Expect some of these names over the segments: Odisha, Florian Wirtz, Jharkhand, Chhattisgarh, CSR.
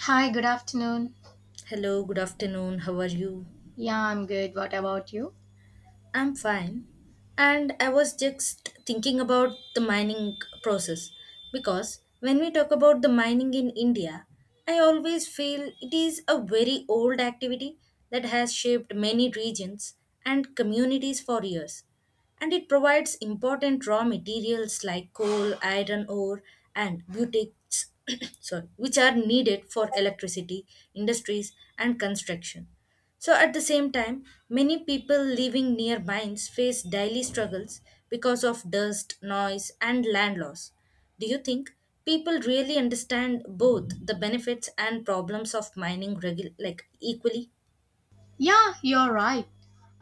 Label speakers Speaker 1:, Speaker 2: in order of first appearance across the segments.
Speaker 1: Hi, good afternoon.
Speaker 2: Hello, good afternoon. How are you?
Speaker 1: Yeah, I'm good. What about you?
Speaker 2: I'm fine. And I was just thinking about the mining process because when we talk about the mining in India, I always feel it is a very old activity that has shaped many regions and communities for years, and it provides important raw materials like coal, iron ore, and butates, sorry, which are needed for electricity, industries, and construction. So, at the same time, many people living near mines face daily struggles because of dust, noise, and land loss. Do you think people really understand both the benefits and problems of mining like equally?
Speaker 1: Yeah, you're right.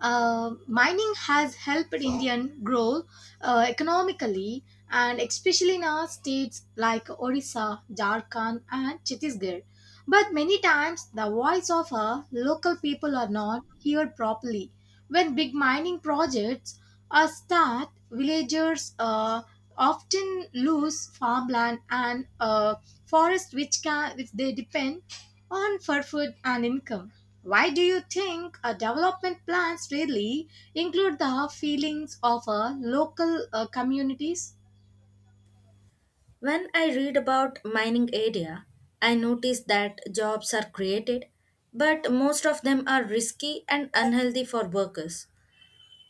Speaker 1: Mining has helped Indian grow economically, and especially in our states like Odisha, Jharkhand, and Chhattisgarh. But many times, the voice of our local people are not heard properly. When big mining projects are start, villagers often lose farmland and forest, which they depend on for food and income. Why do you think development plans really include the feelings of local communities?
Speaker 2: When I read about mining area, I notice that jobs are created, but most of them are risky and unhealthy for workers,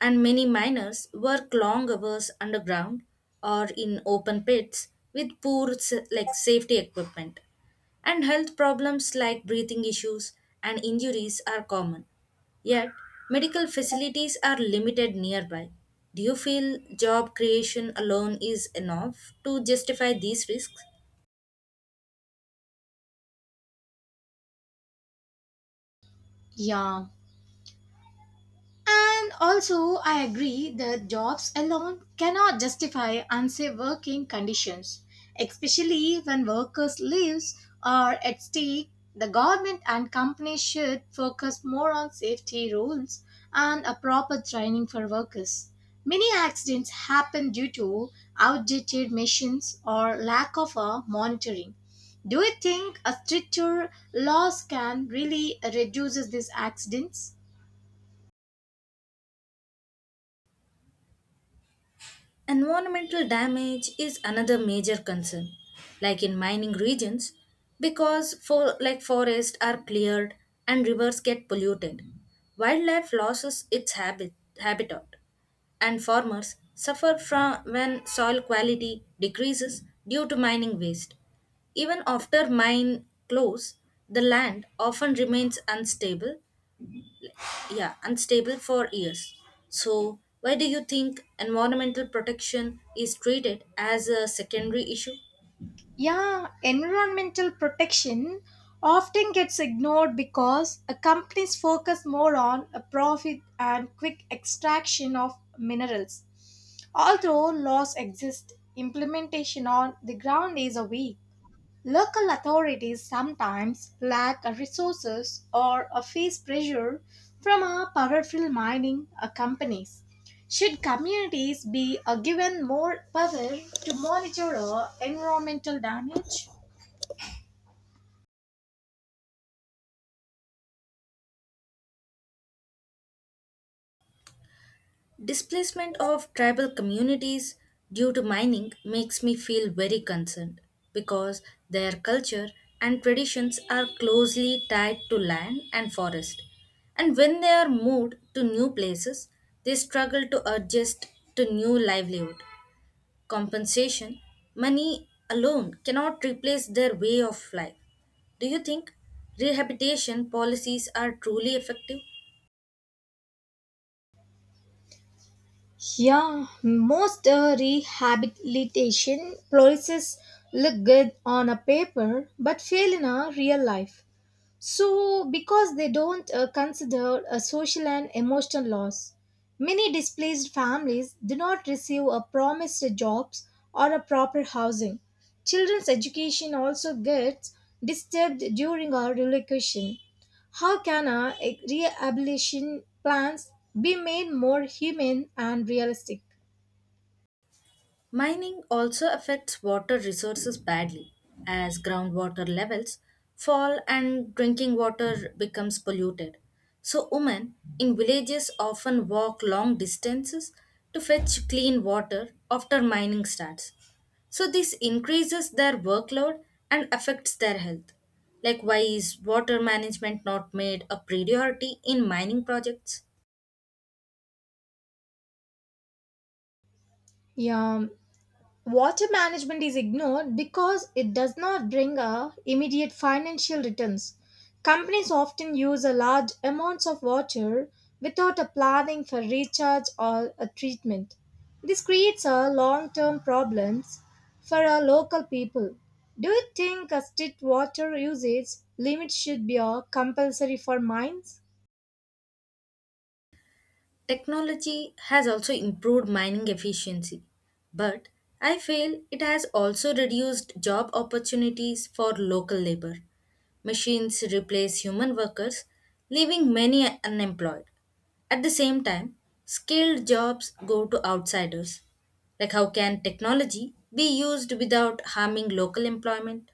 Speaker 2: and many miners work long hours underground or in open pits with poor like safety equipment, and health problems like breathing issues and injuries are common, yet medical facilities are limited nearby. Do you feel job creation alone is enough to justify these risks?
Speaker 1: Yeah, and also, I agree that jobs alone cannot justify unsafe working conditions, especially when workers' lives are at stake. The government and companies should focus more on safety rules and a proper training for workers. Many accidents happen due to outdated machines or lack of a monitoring. Do you think a stricter laws can really reduce these accidents?
Speaker 2: Environmental damage is another major concern, like in mining regions, because for like forests are cleared and rivers get polluted. Wildlife loses its habitat, and farmers suffer from when soil quality decreases due to mining waste. Even after mine close, the land often remains unstable, yeah, unstable for years. So why do you think environmental protection is treated as a secondary issue?
Speaker 1: Yeah, environmental protection often gets ignored because companies focus more on a profit and quick extraction of minerals. Although laws exist, implementation on the ground is a weak. Local authorities sometimes lack resources or face pressure from our powerful mining companies. Should communities be given more power to monitor environmental damage?
Speaker 2: Displacement of tribal communities due to mining makes me feel very concerned because their culture and traditions are closely tied to land and forest, and when they are moved to new places they struggle to adjust to new livelihood. Compensation, money alone cannot replace their way of life. Do you think rehabilitation policies are truly effective?
Speaker 1: Yeah, most rehabilitation policies look good on a paper but fail in a real life. So, because they don't consider a social and emotional loss, many displaced families do not receive a promised jobs or a proper housing. Children's education also gets disturbed during our relocation. How can our rehabilitation plans be made more humane and realistic?
Speaker 2: Mining also affects water resources badly, as groundwater levels fall and drinking water becomes polluted. So, women in villages often walk long distances to fetch clean water after mining starts. So, this increases their workload and affects their health. Like, why is water management not made a priority in mining projects?
Speaker 1: Yeah, water management is ignored because it does not bring a immediate financial returns. Companies often use a large amounts of water without a planning for recharge or a treatment. This creates a long-term problems for our local people. Do you think a strict water usage limit should be a compulsory for mines?
Speaker 2: Technology has also improved mining efficiency, but I feel it has also reduced job opportunities for local labor. Machines replace human workers, leaving many unemployed. At the same time, skilled jobs go to outsiders. Like, how can technology be used without harming local employment?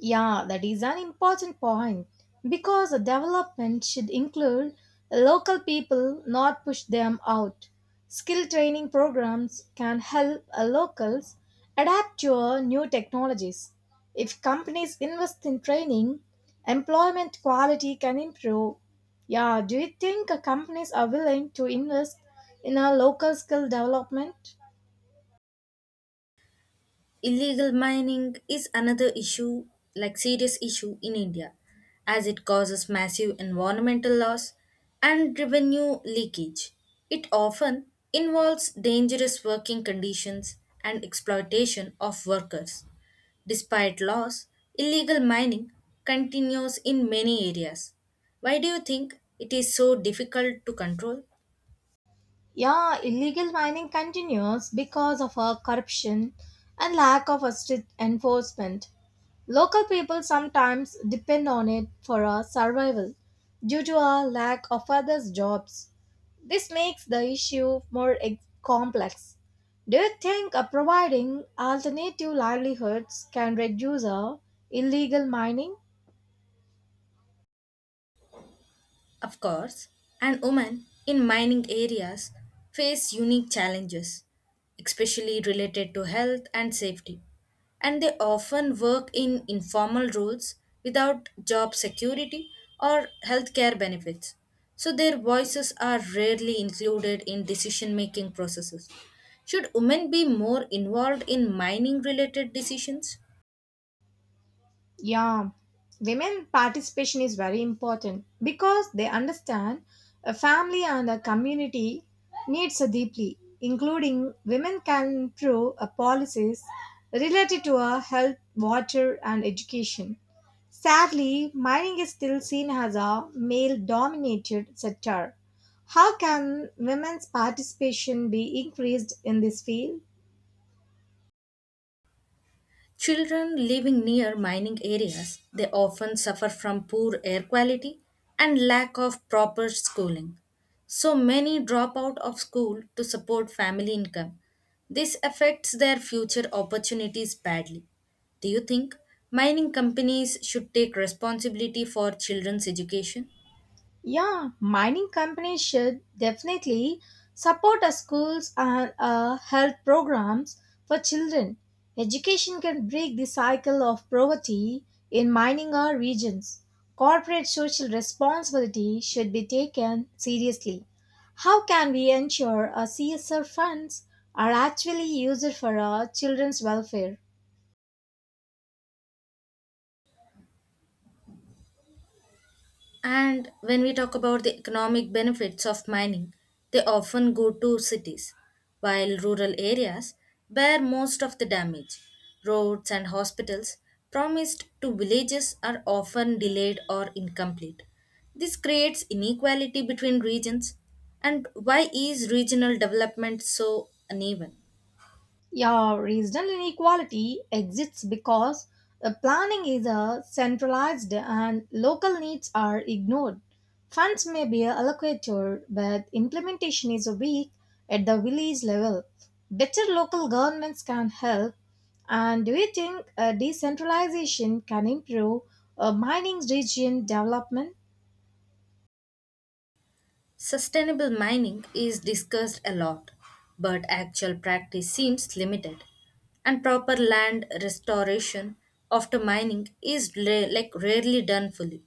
Speaker 1: Yeah, that is an important point because the development should include local people, not push them out. Skill training programs can help locals adapt to new technologies. If companies invest in training, employment quality can improve. Yeah, do you think companies are willing to invest in a local skill development?
Speaker 2: Illegal mining is another issue, like serious issue in India, as it causes massive environmental loss and revenue leakage. It often involves dangerous working conditions and exploitation of workers. Despite laws, illegal mining continues in many areas. Why do you think it is so difficult to control?
Speaker 1: Yeah, illegal mining continues because of our corruption and lack of a strict enforcement. Local people sometimes depend on it for our survival due to our lack of other jobs. This makes the issue complex. Do you think providing alternative livelihoods can reduce our illegal mining?
Speaker 2: Of course, and women in mining areas face unique challenges, especially related to health and safety. And they often work in informal roles without job security or healthcare benefits. So their voices are rarely included in decision making processes. Should women be more involved in mining related decisions?
Speaker 1: Yeah, women participation is very important because they understand a family and a community needs deeply, including women can improve a policies related to a health, water, and education. Sadly, mining is still seen as a male dominated sector. How can women's participation be increased in this field?
Speaker 2: Children living near mining areas, they often suffer from poor air quality and lack of proper schooling. So many drop out of school to support family income. This affects their future opportunities badly. Do you think mining companies should take responsibility for children's education?
Speaker 1: Yeah, mining companies should definitely support our schools and health programs for children. Education can break the cycle of poverty in mining our regions. Corporate social responsibility should be taken seriously. How can we ensure our CSR funds are actually used for our children's welfare?
Speaker 2: And when we talk about the economic benefits of mining, they often go to cities, while rural areas bear most of the damage. Roads and hospitals promised to villages are often delayed or incomplete. This creates inequality between regions. And why is regional development so uneven?
Speaker 1: Yeah, regional inequality exists because the planning is centralized and local needs are ignored. Funds may be allocated, but implementation is weak at the village level. Better local governments can help. And do you think decentralization can improve mining region development?
Speaker 2: Sustainable mining is discussed a lot, but actual practice seems limited. And proper land restoration after mining is like rarely done fully.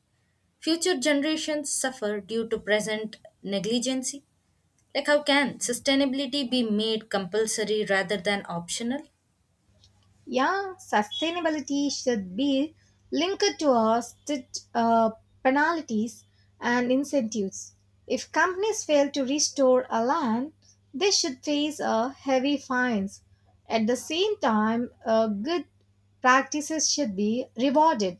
Speaker 2: Future generations suffer due to present negligence. Like, how can sustainability be made compulsory rather than optional?
Speaker 1: Yeah, sustainability should be linked to our strict penalties and incentives. If companies fail to restore a land, they should face a heavy fines. At the same time, good practices should be rewarded.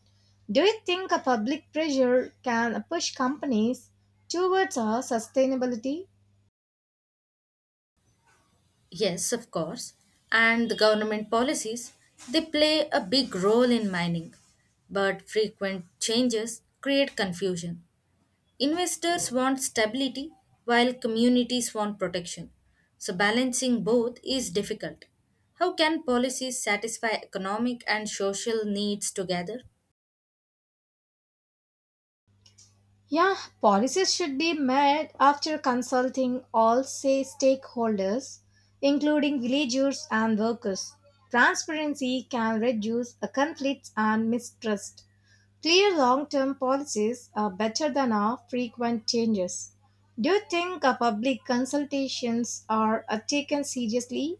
Speaker 1: Do you think a public pressure can push companies towards a sustainability?
Speaker 2: Yes, of course. And the government policies, they play a big role in mining, but frequent changes create confusion. Investors want stability while communities want protection. So, balancing both is difficult. How can policies satisfy economic and social needs together?
Speaker 1: Yeah, policies should be made after consulting all say stakeholders, including villagers and workers. Transparency can reduce conflicts and mistrust. Clear long-term policies are better than our frequent changes. Do you think public consultations are taken seriously?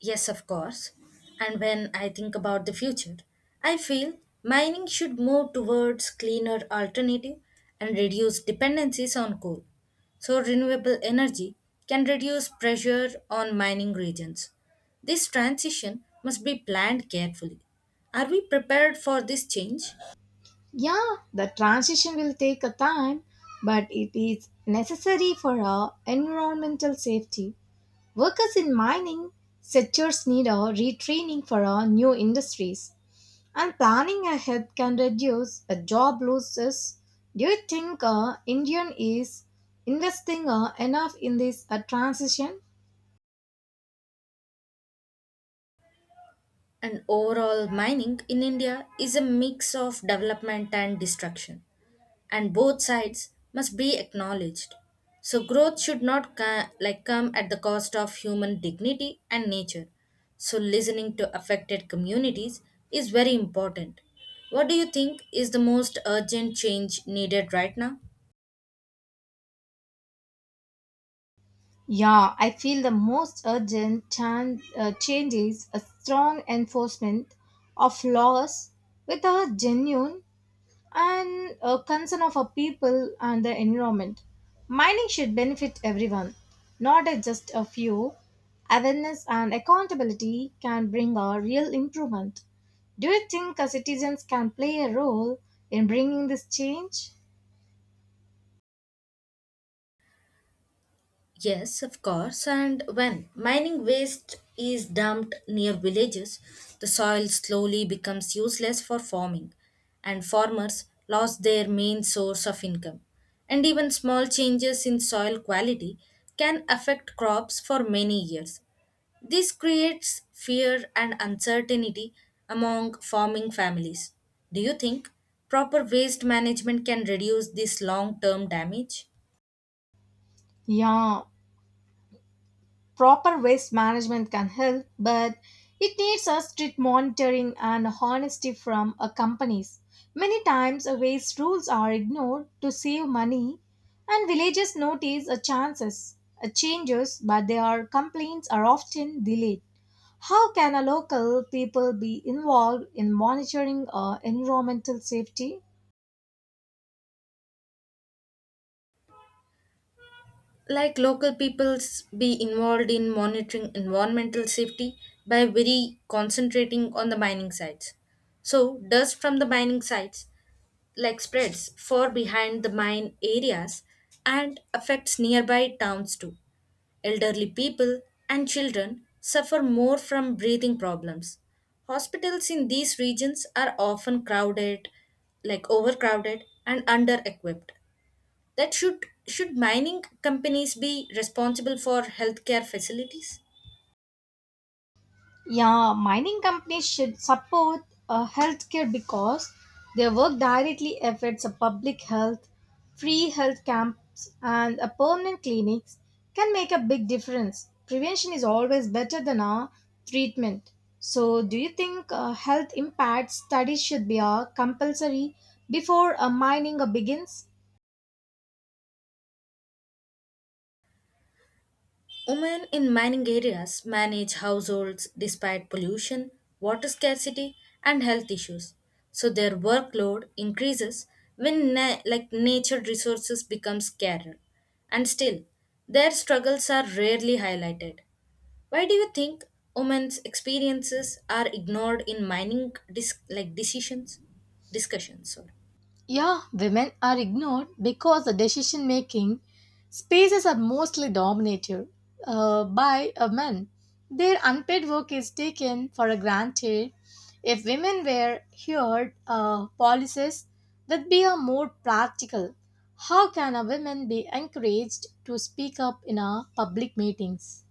Speaker 2: Yes, of course. And when I think about the future, I feel mining should move towards cleaner alternative and reduce dependencies on coal. So renewable energy can reduce pressure on mining regions. This transition must be planned carefully. Are we prepared for this change?
Speaker 1: Yeah, the transition will take a time, but it is necessary for our environmental safety. Workers in mining sectors need a retraining for our new industries, and planning ahead can reduce job losses. Do you think Indian is investing enough in this transition?
Speaker 2: And overall, mining in India is a mix of development and destruction, and both sides must be acknowledged. So, growth should not like come at the cost of human dignity and nature. So, listening to affected communities is very important. What do you think is the most urgent change needed right now?
Speaker 1: Yeah, I feel the most urgent change is a strong enforcement of laws with a genuine and a concern of our people and the environment. Mining should benefit everyone, not just a few. Awareness and accountability can bring a real improvement. Do you think citizens can play a role in bringing this change?
Speaker 2: Yes, of course. And when mining waste is dumped near villages, the soil slowly becomes useless for farming, and farmers lost their main source of income. And even small changes in soil quality can affect crops for many years. This creates fear and uncertainty among farming families. Do you think proper waste management can reduce this long term damage?
Speaker 1: Yeah, proper waste management can help, but it needs a strict monitoring and honesty from companies. Many times, waste rules are ignored to save money, and villages notice changes, but their complaints are often delayed. How can a local people be involved in monitoring environmental safety?
Speaker 2: Like local peoples be involved in monitoring environmental safety by very concentrating on the mining sites. So dust from the mining sites like spreads far behind the mine areas and affects nearby towns too. Elderly people and children suffer more from breathing problems. Hospitals in these regions are often crowded, like overcrowded and under equipped. That should mining companies be responsible for healthcare facilities?
Speaker 1: Yeah, mining companies should support healthcare because their work directly affects a public health, free health camps, and a permanent clinics can make a big difference. Prevention is always better than treatment. So, do you think health impact studies should be compulsory before mining begins?
Speaker 2: Women in mining areas manage households despite pollution, water scarcity, and health issues. So their workload increases when like nature resources become scarcer, and still their struggles are rarely highlighted. Why do you think women's experiences are ignored in mining like decisions, discussions, sorry.
Speaker 1: Yeah, women are ignored because the decision making spaces are mostly dominated by men. Their unpaid work is taken for granted. If women were heard, policies would be a more practical. How can a woman be encouraged to speak up in a public meetings?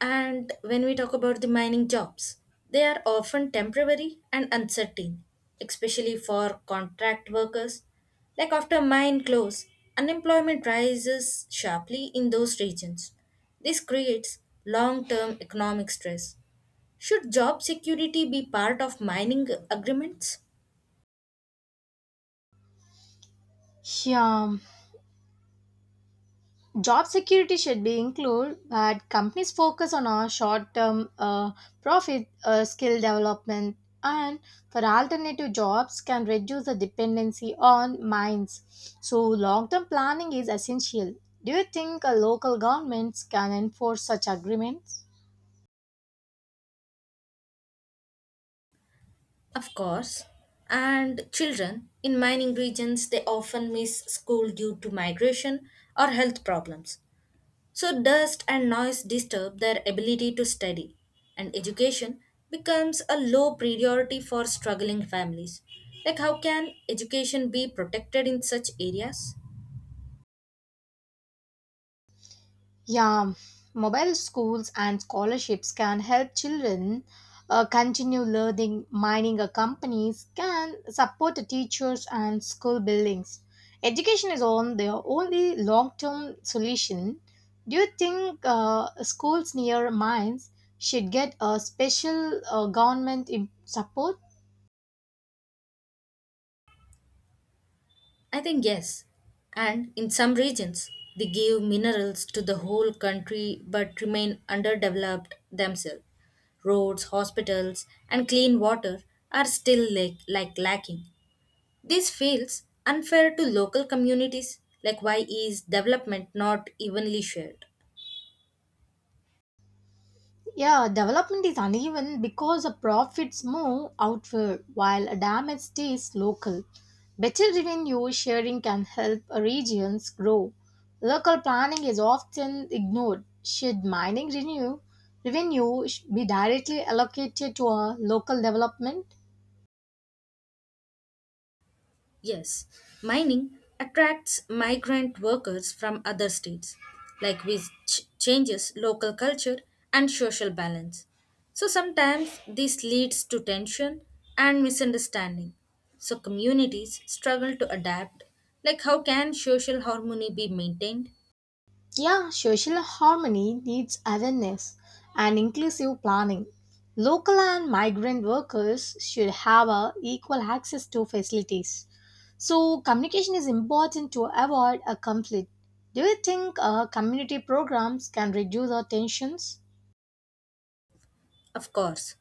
Speaker 2: And when we talk about the mining jobs, they are often temporary and uncertain, especially for contract workers. Like after mine close, unemployment rises sharply in those regions. This creates long term economic stress. Should job security be part of mining agreements?
Speaker 1: Yeah, job security should be included but companies focus on a short term profit skill development and for alternative jobs can reduce the dependency on mines so long term planning is essential. Do you think local governments can enforce such agreements?
Speaker 2: Of course. And children in mining regions they often miss school due to migration or health problems. So, dust and noise disturb their ability to study, and education becomes a low priority for struggling families. Like, how can education be protected in such areas?
Speaker 1: Yeah, mobile schools and scholarships can help children continue learning. Mining companies can support the teachers and school buildings. Education is on the only long-term solution. Do you think schools near mines should get a special support?
Speaker 2: I think yes. And in some regions, they give minerals to the whole country but remain underdeveloped themselves. Roads, hospitals, and clean water are still like lacking. This feels unfair to local communities. Like, why is development not evenly shared?
Speaker 1: Yeah, development is uneven because the profits move outward while damage stays local. Better revenue sharing can help regions grow. Local planning is often ignored. Should revenue be directly allocated to a local development?
Speaker 2: Yes, mining attracts migrant workers from other states, like which changes local culture and social balance. So sometimes this leads to tension and misunderstanding. So communities struggle to adapt. Like, how can social harmony be maintained?
Speaker 1: Yeah, social harmony needs awareness and inclusive planning. Local and migrant workers should have a equal access to facilities. So, communication is important to avoid a conflict. Do you think community programs can reduce our tensions?
Speaker 2: Of course.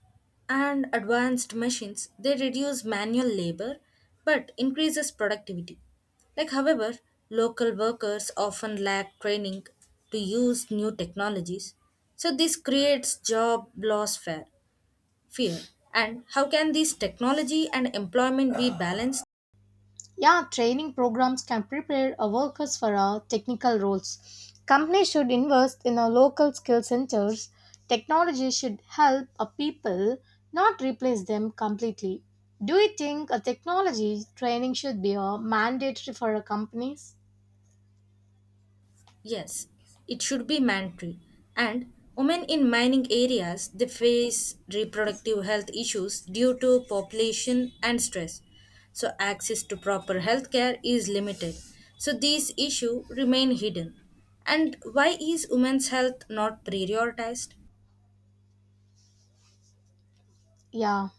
Speaker 2: And advanced machines, they reduce manual labor but increases productivity. Like however, local workers often lack training to use new technologies. So this creates job loss fear. Fear. And how can this technology and employment be balanced?
Speaker 1: Yeah, training programs can prepare our workers for our technical roles. Companies should invest in our local skill centers. Technology should help our people, not replace them completely. Do you think a technology training should be a mandatory for our companies?
Speaker 2: Yes, it should be mandatory. And women in mining areas they face reproductive health issues due to population and stress. So access to proper health care is limited. So these issues remain hidden. And why is women's health not prioritized?
Speaker 1: Yeah,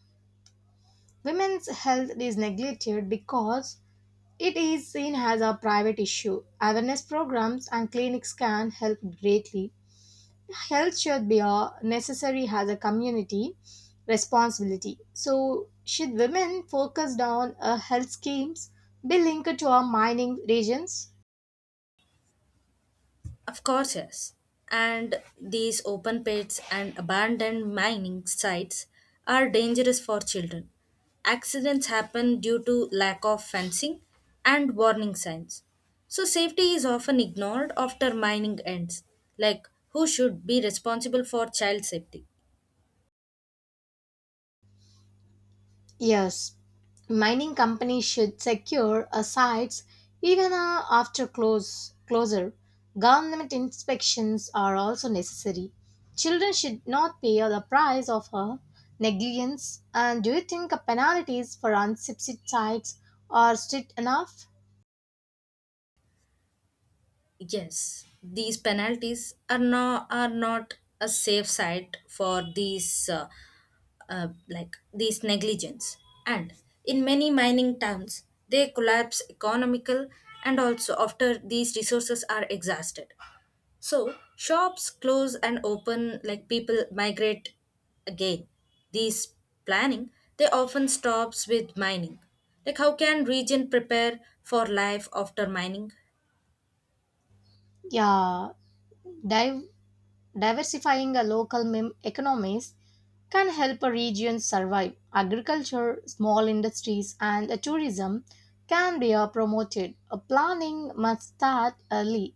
Speaker 1: women's health is neglected because it is seen as a private issue. Awareness programs and clinics can help greatly. Health should be a necessary as a community responsibility. So, should women focus on health schemes be linked to our mining regions?
Speaker 2: Of course, yes. And these open pits and abandoned mining sites are dangerous for children. Accidents happen due to lack of fencing and warning signs. So, safety is often ignored after mining ends. Like, who should be responsible for child safety?
Speaker 1: Yes, mining companies should secure a sites even after close closure. Government inspections are also necessary. Children should not pay the price of negligence. And do you think penalties for unsubsidized sites are strict enough?
Speaker 2: Yes, these penalties are not a safe side for these like these negligence, and in many mining towns they collapse economical and also after these resources are exhausted. So shops close and open like people migrate again. These planning they often stops with mining. Like how can region prepare for life after mining?
Speaker 1: Yeah, div- diversifying a economies can help a region survive. Agriculture, small industries, and tourism can be promoted. Planning must start early.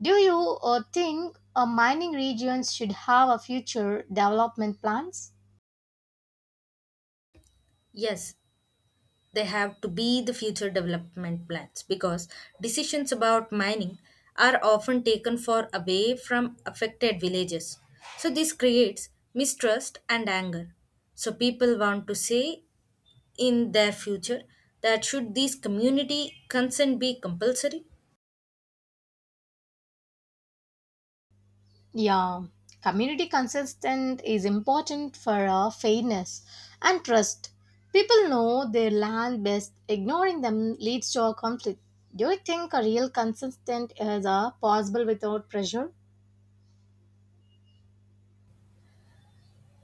Speaker 1: Do you think mining regions should have a future development plans?
Speaker 2: Yes, they have to be the future development plans because decisions about mining are often taken far away from affected villages. So this creates mistrust and anger, so people want to say in their future. That should this community consent be compulsory?
Speaker 1: Yeah, community consistent is important for fairness and trust. People know their land best. Ignoring them leads to a conflict. Do you think a real consistent is possible without pressure?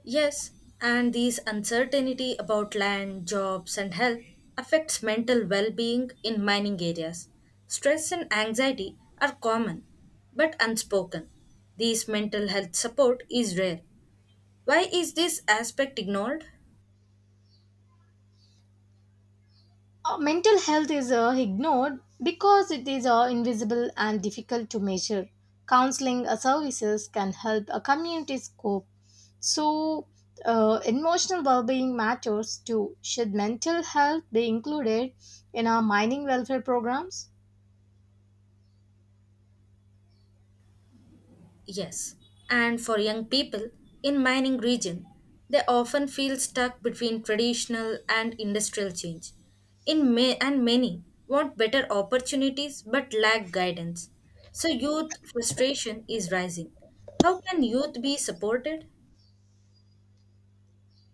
Speaker 2: Yes, and these uncertainty about land, jobs, and health affects mental well-being in mining areas. Stress and anxiety are common but unspoken. These mental health support is rare. Why is this aspect ignored?
Speaker 1: Mental health is ignored because it is invisible and difficult to measure. Counseling services can help a community's cope. So, emotional well being matters too. Should mental health be included in our mining welfare programs?
Speaker 2: Yes, and for young people in mining region, they often feel stuck between traditional and industrial change. In may and many want better opportunities but lack guidance. So youth frustration is rising. How can youth be supported?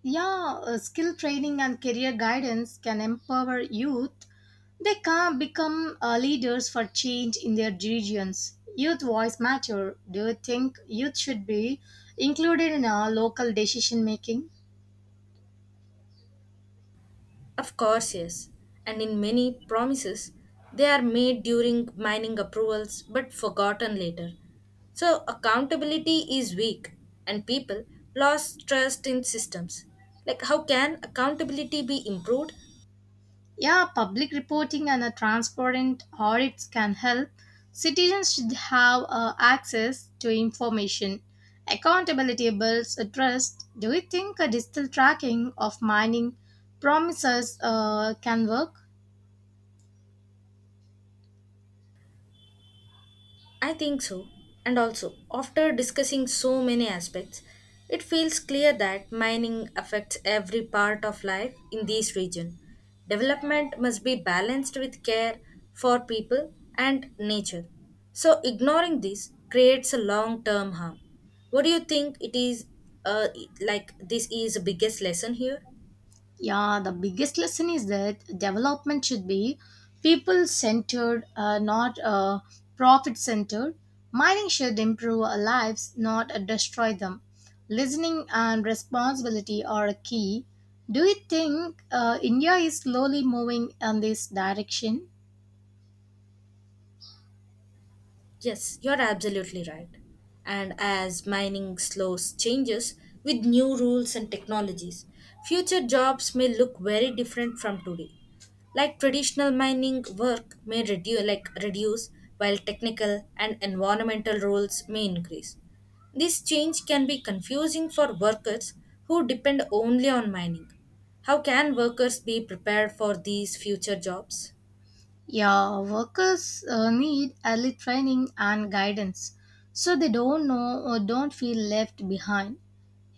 Speaker 1: Yeah, skill training and career guidance can empower youth. They can become leaders for change in their regions. Youth voice matter. Do you think youth should be included in our local decision making?
Speaker 2: Of course, yes. And in many promises, they are made during mining approvals but forgotten later. So accountability is weak and people lost trust in systems. Like how can accountability be improved?
Speaker 1: Yeah, public reporting and a transparent audits can help. Citizens should have access to information. Accountability builds a trust. Do you think a digital tracking of mining promises can work?
Speaker 2: I think so. And also, after discussing so many aspects, it feels clear that mining affects every part of life in this region. Development must be balanced with care for people and nature. So, ignoring this creates a long term harm. What do you think it is uh, like this is the biggest lesson here?
Speaker 1: Yeah, the biggest lesson is that development should be people centered, not profit centered. Mining should improve our lives, not destroy them. Listening and responsibility are key. Do you think India is slowly moving in this direction?
Speaker 2: Yes, you're absolutely right. And as mining slows changes with new rules and technologies, future jobs may look very different from today. Like traditional mining work may reduce while technical and environmental roles may increase. This change can be confusing for workers who depend only on mining. How can workers be prepared for these future jobs?
Speaker 1: Yeah, workers need early training and guidance so they don't know or don't feel left behind.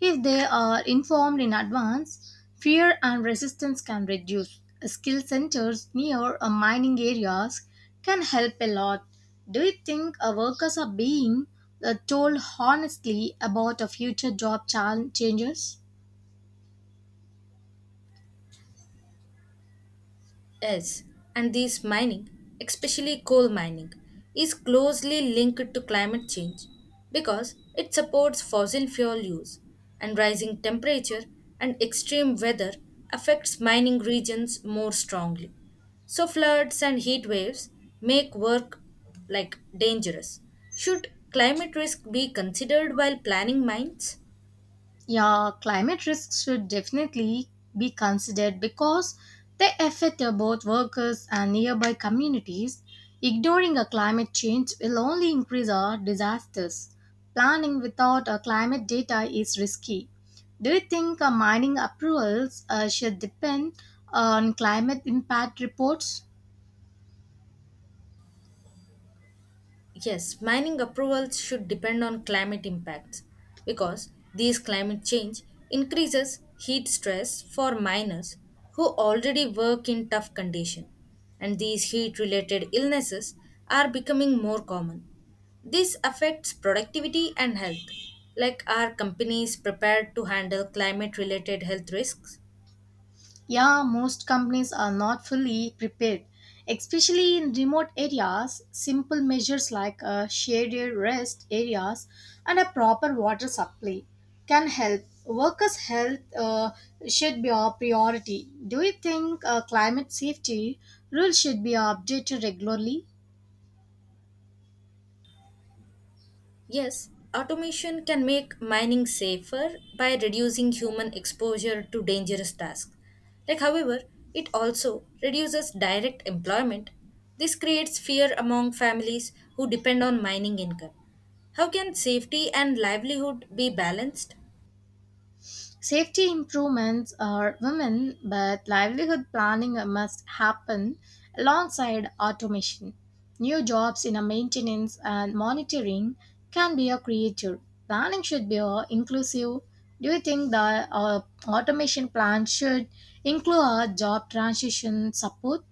Speaker 1: If they are informed in advance, fear and resistance can reduce. Skill centers near a mining areas can help a lot. Do you think our workers are being told honestly about a future changes?
Speaker 2: Yes, and this mining, especially coal mining, is closely linked to climate change because it supports fossil fuel use and rising temperature, and extreme weather affects mining regions more strongly. So floods and heat waves make work like dangerous. Should climate risk be considered while planning mines?
Speaker 1: Yeah, climate risks should definitely be considered because they affect both workers and nearby communities. Ignoring a climate change will only increase our disasters. Planning without a climate data is risky. Do you think mining approvals should depend on climate impact reports?
Speaker 2: Yes, mining approvals should depend on climate impacts because these climate change increases heat stress for miners who already work in tough conditions, and these heat related illnesses are becoming more common. This affects productivity and health. Like, are companies prepared to handle climate related health risks?
Speaker 1: Yeah, most companies are not fully prepared, especially in remote areas. Simple measures like a shaded rest areas and a proper water supply can help. Workers' health should be a priority. Do you think climate safety rules should be updated regularly?
Speaker 2: Yes, automation can make mining safer by reducing human exposure to dangerous tasks. Like, however, it also reduces direct employment. This creates fear among families who depend on mining income. How can safety and livelihood be balanced?
Speaker 1: Safety improvements are women, but livelihood planning must happen alongside automation. New jobs in a maintenance and monitoring can be a creator. Planning should be inclusive. Do you think the automation plan should include a job transition support?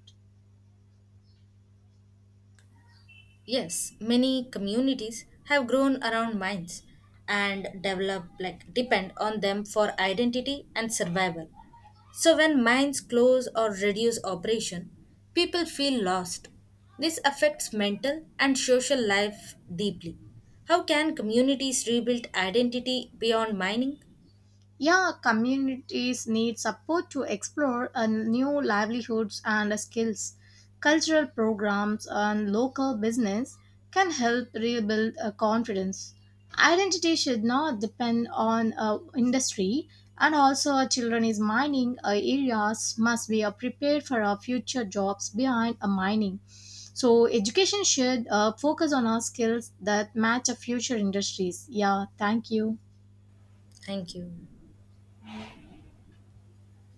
Speaker 2: Yes, many communities have grown around mines and develop like depend on them for identity and survival. So, when mines close or reduce operation, people feel lost. This affects mental and social life deeply. How can communities rebuild identity beyond mining?
Speaker 1: Yeah, communities need support to explore new livelihoods and skills. Cultural programs and local business can help rebuild confidence. Identity should not depend on industry, and also children is mining areas must be prepared for our future jobs behind mining. So education should focus on our skills that match our future industries. Yeah, thank you.
Speaker 2: Thank you.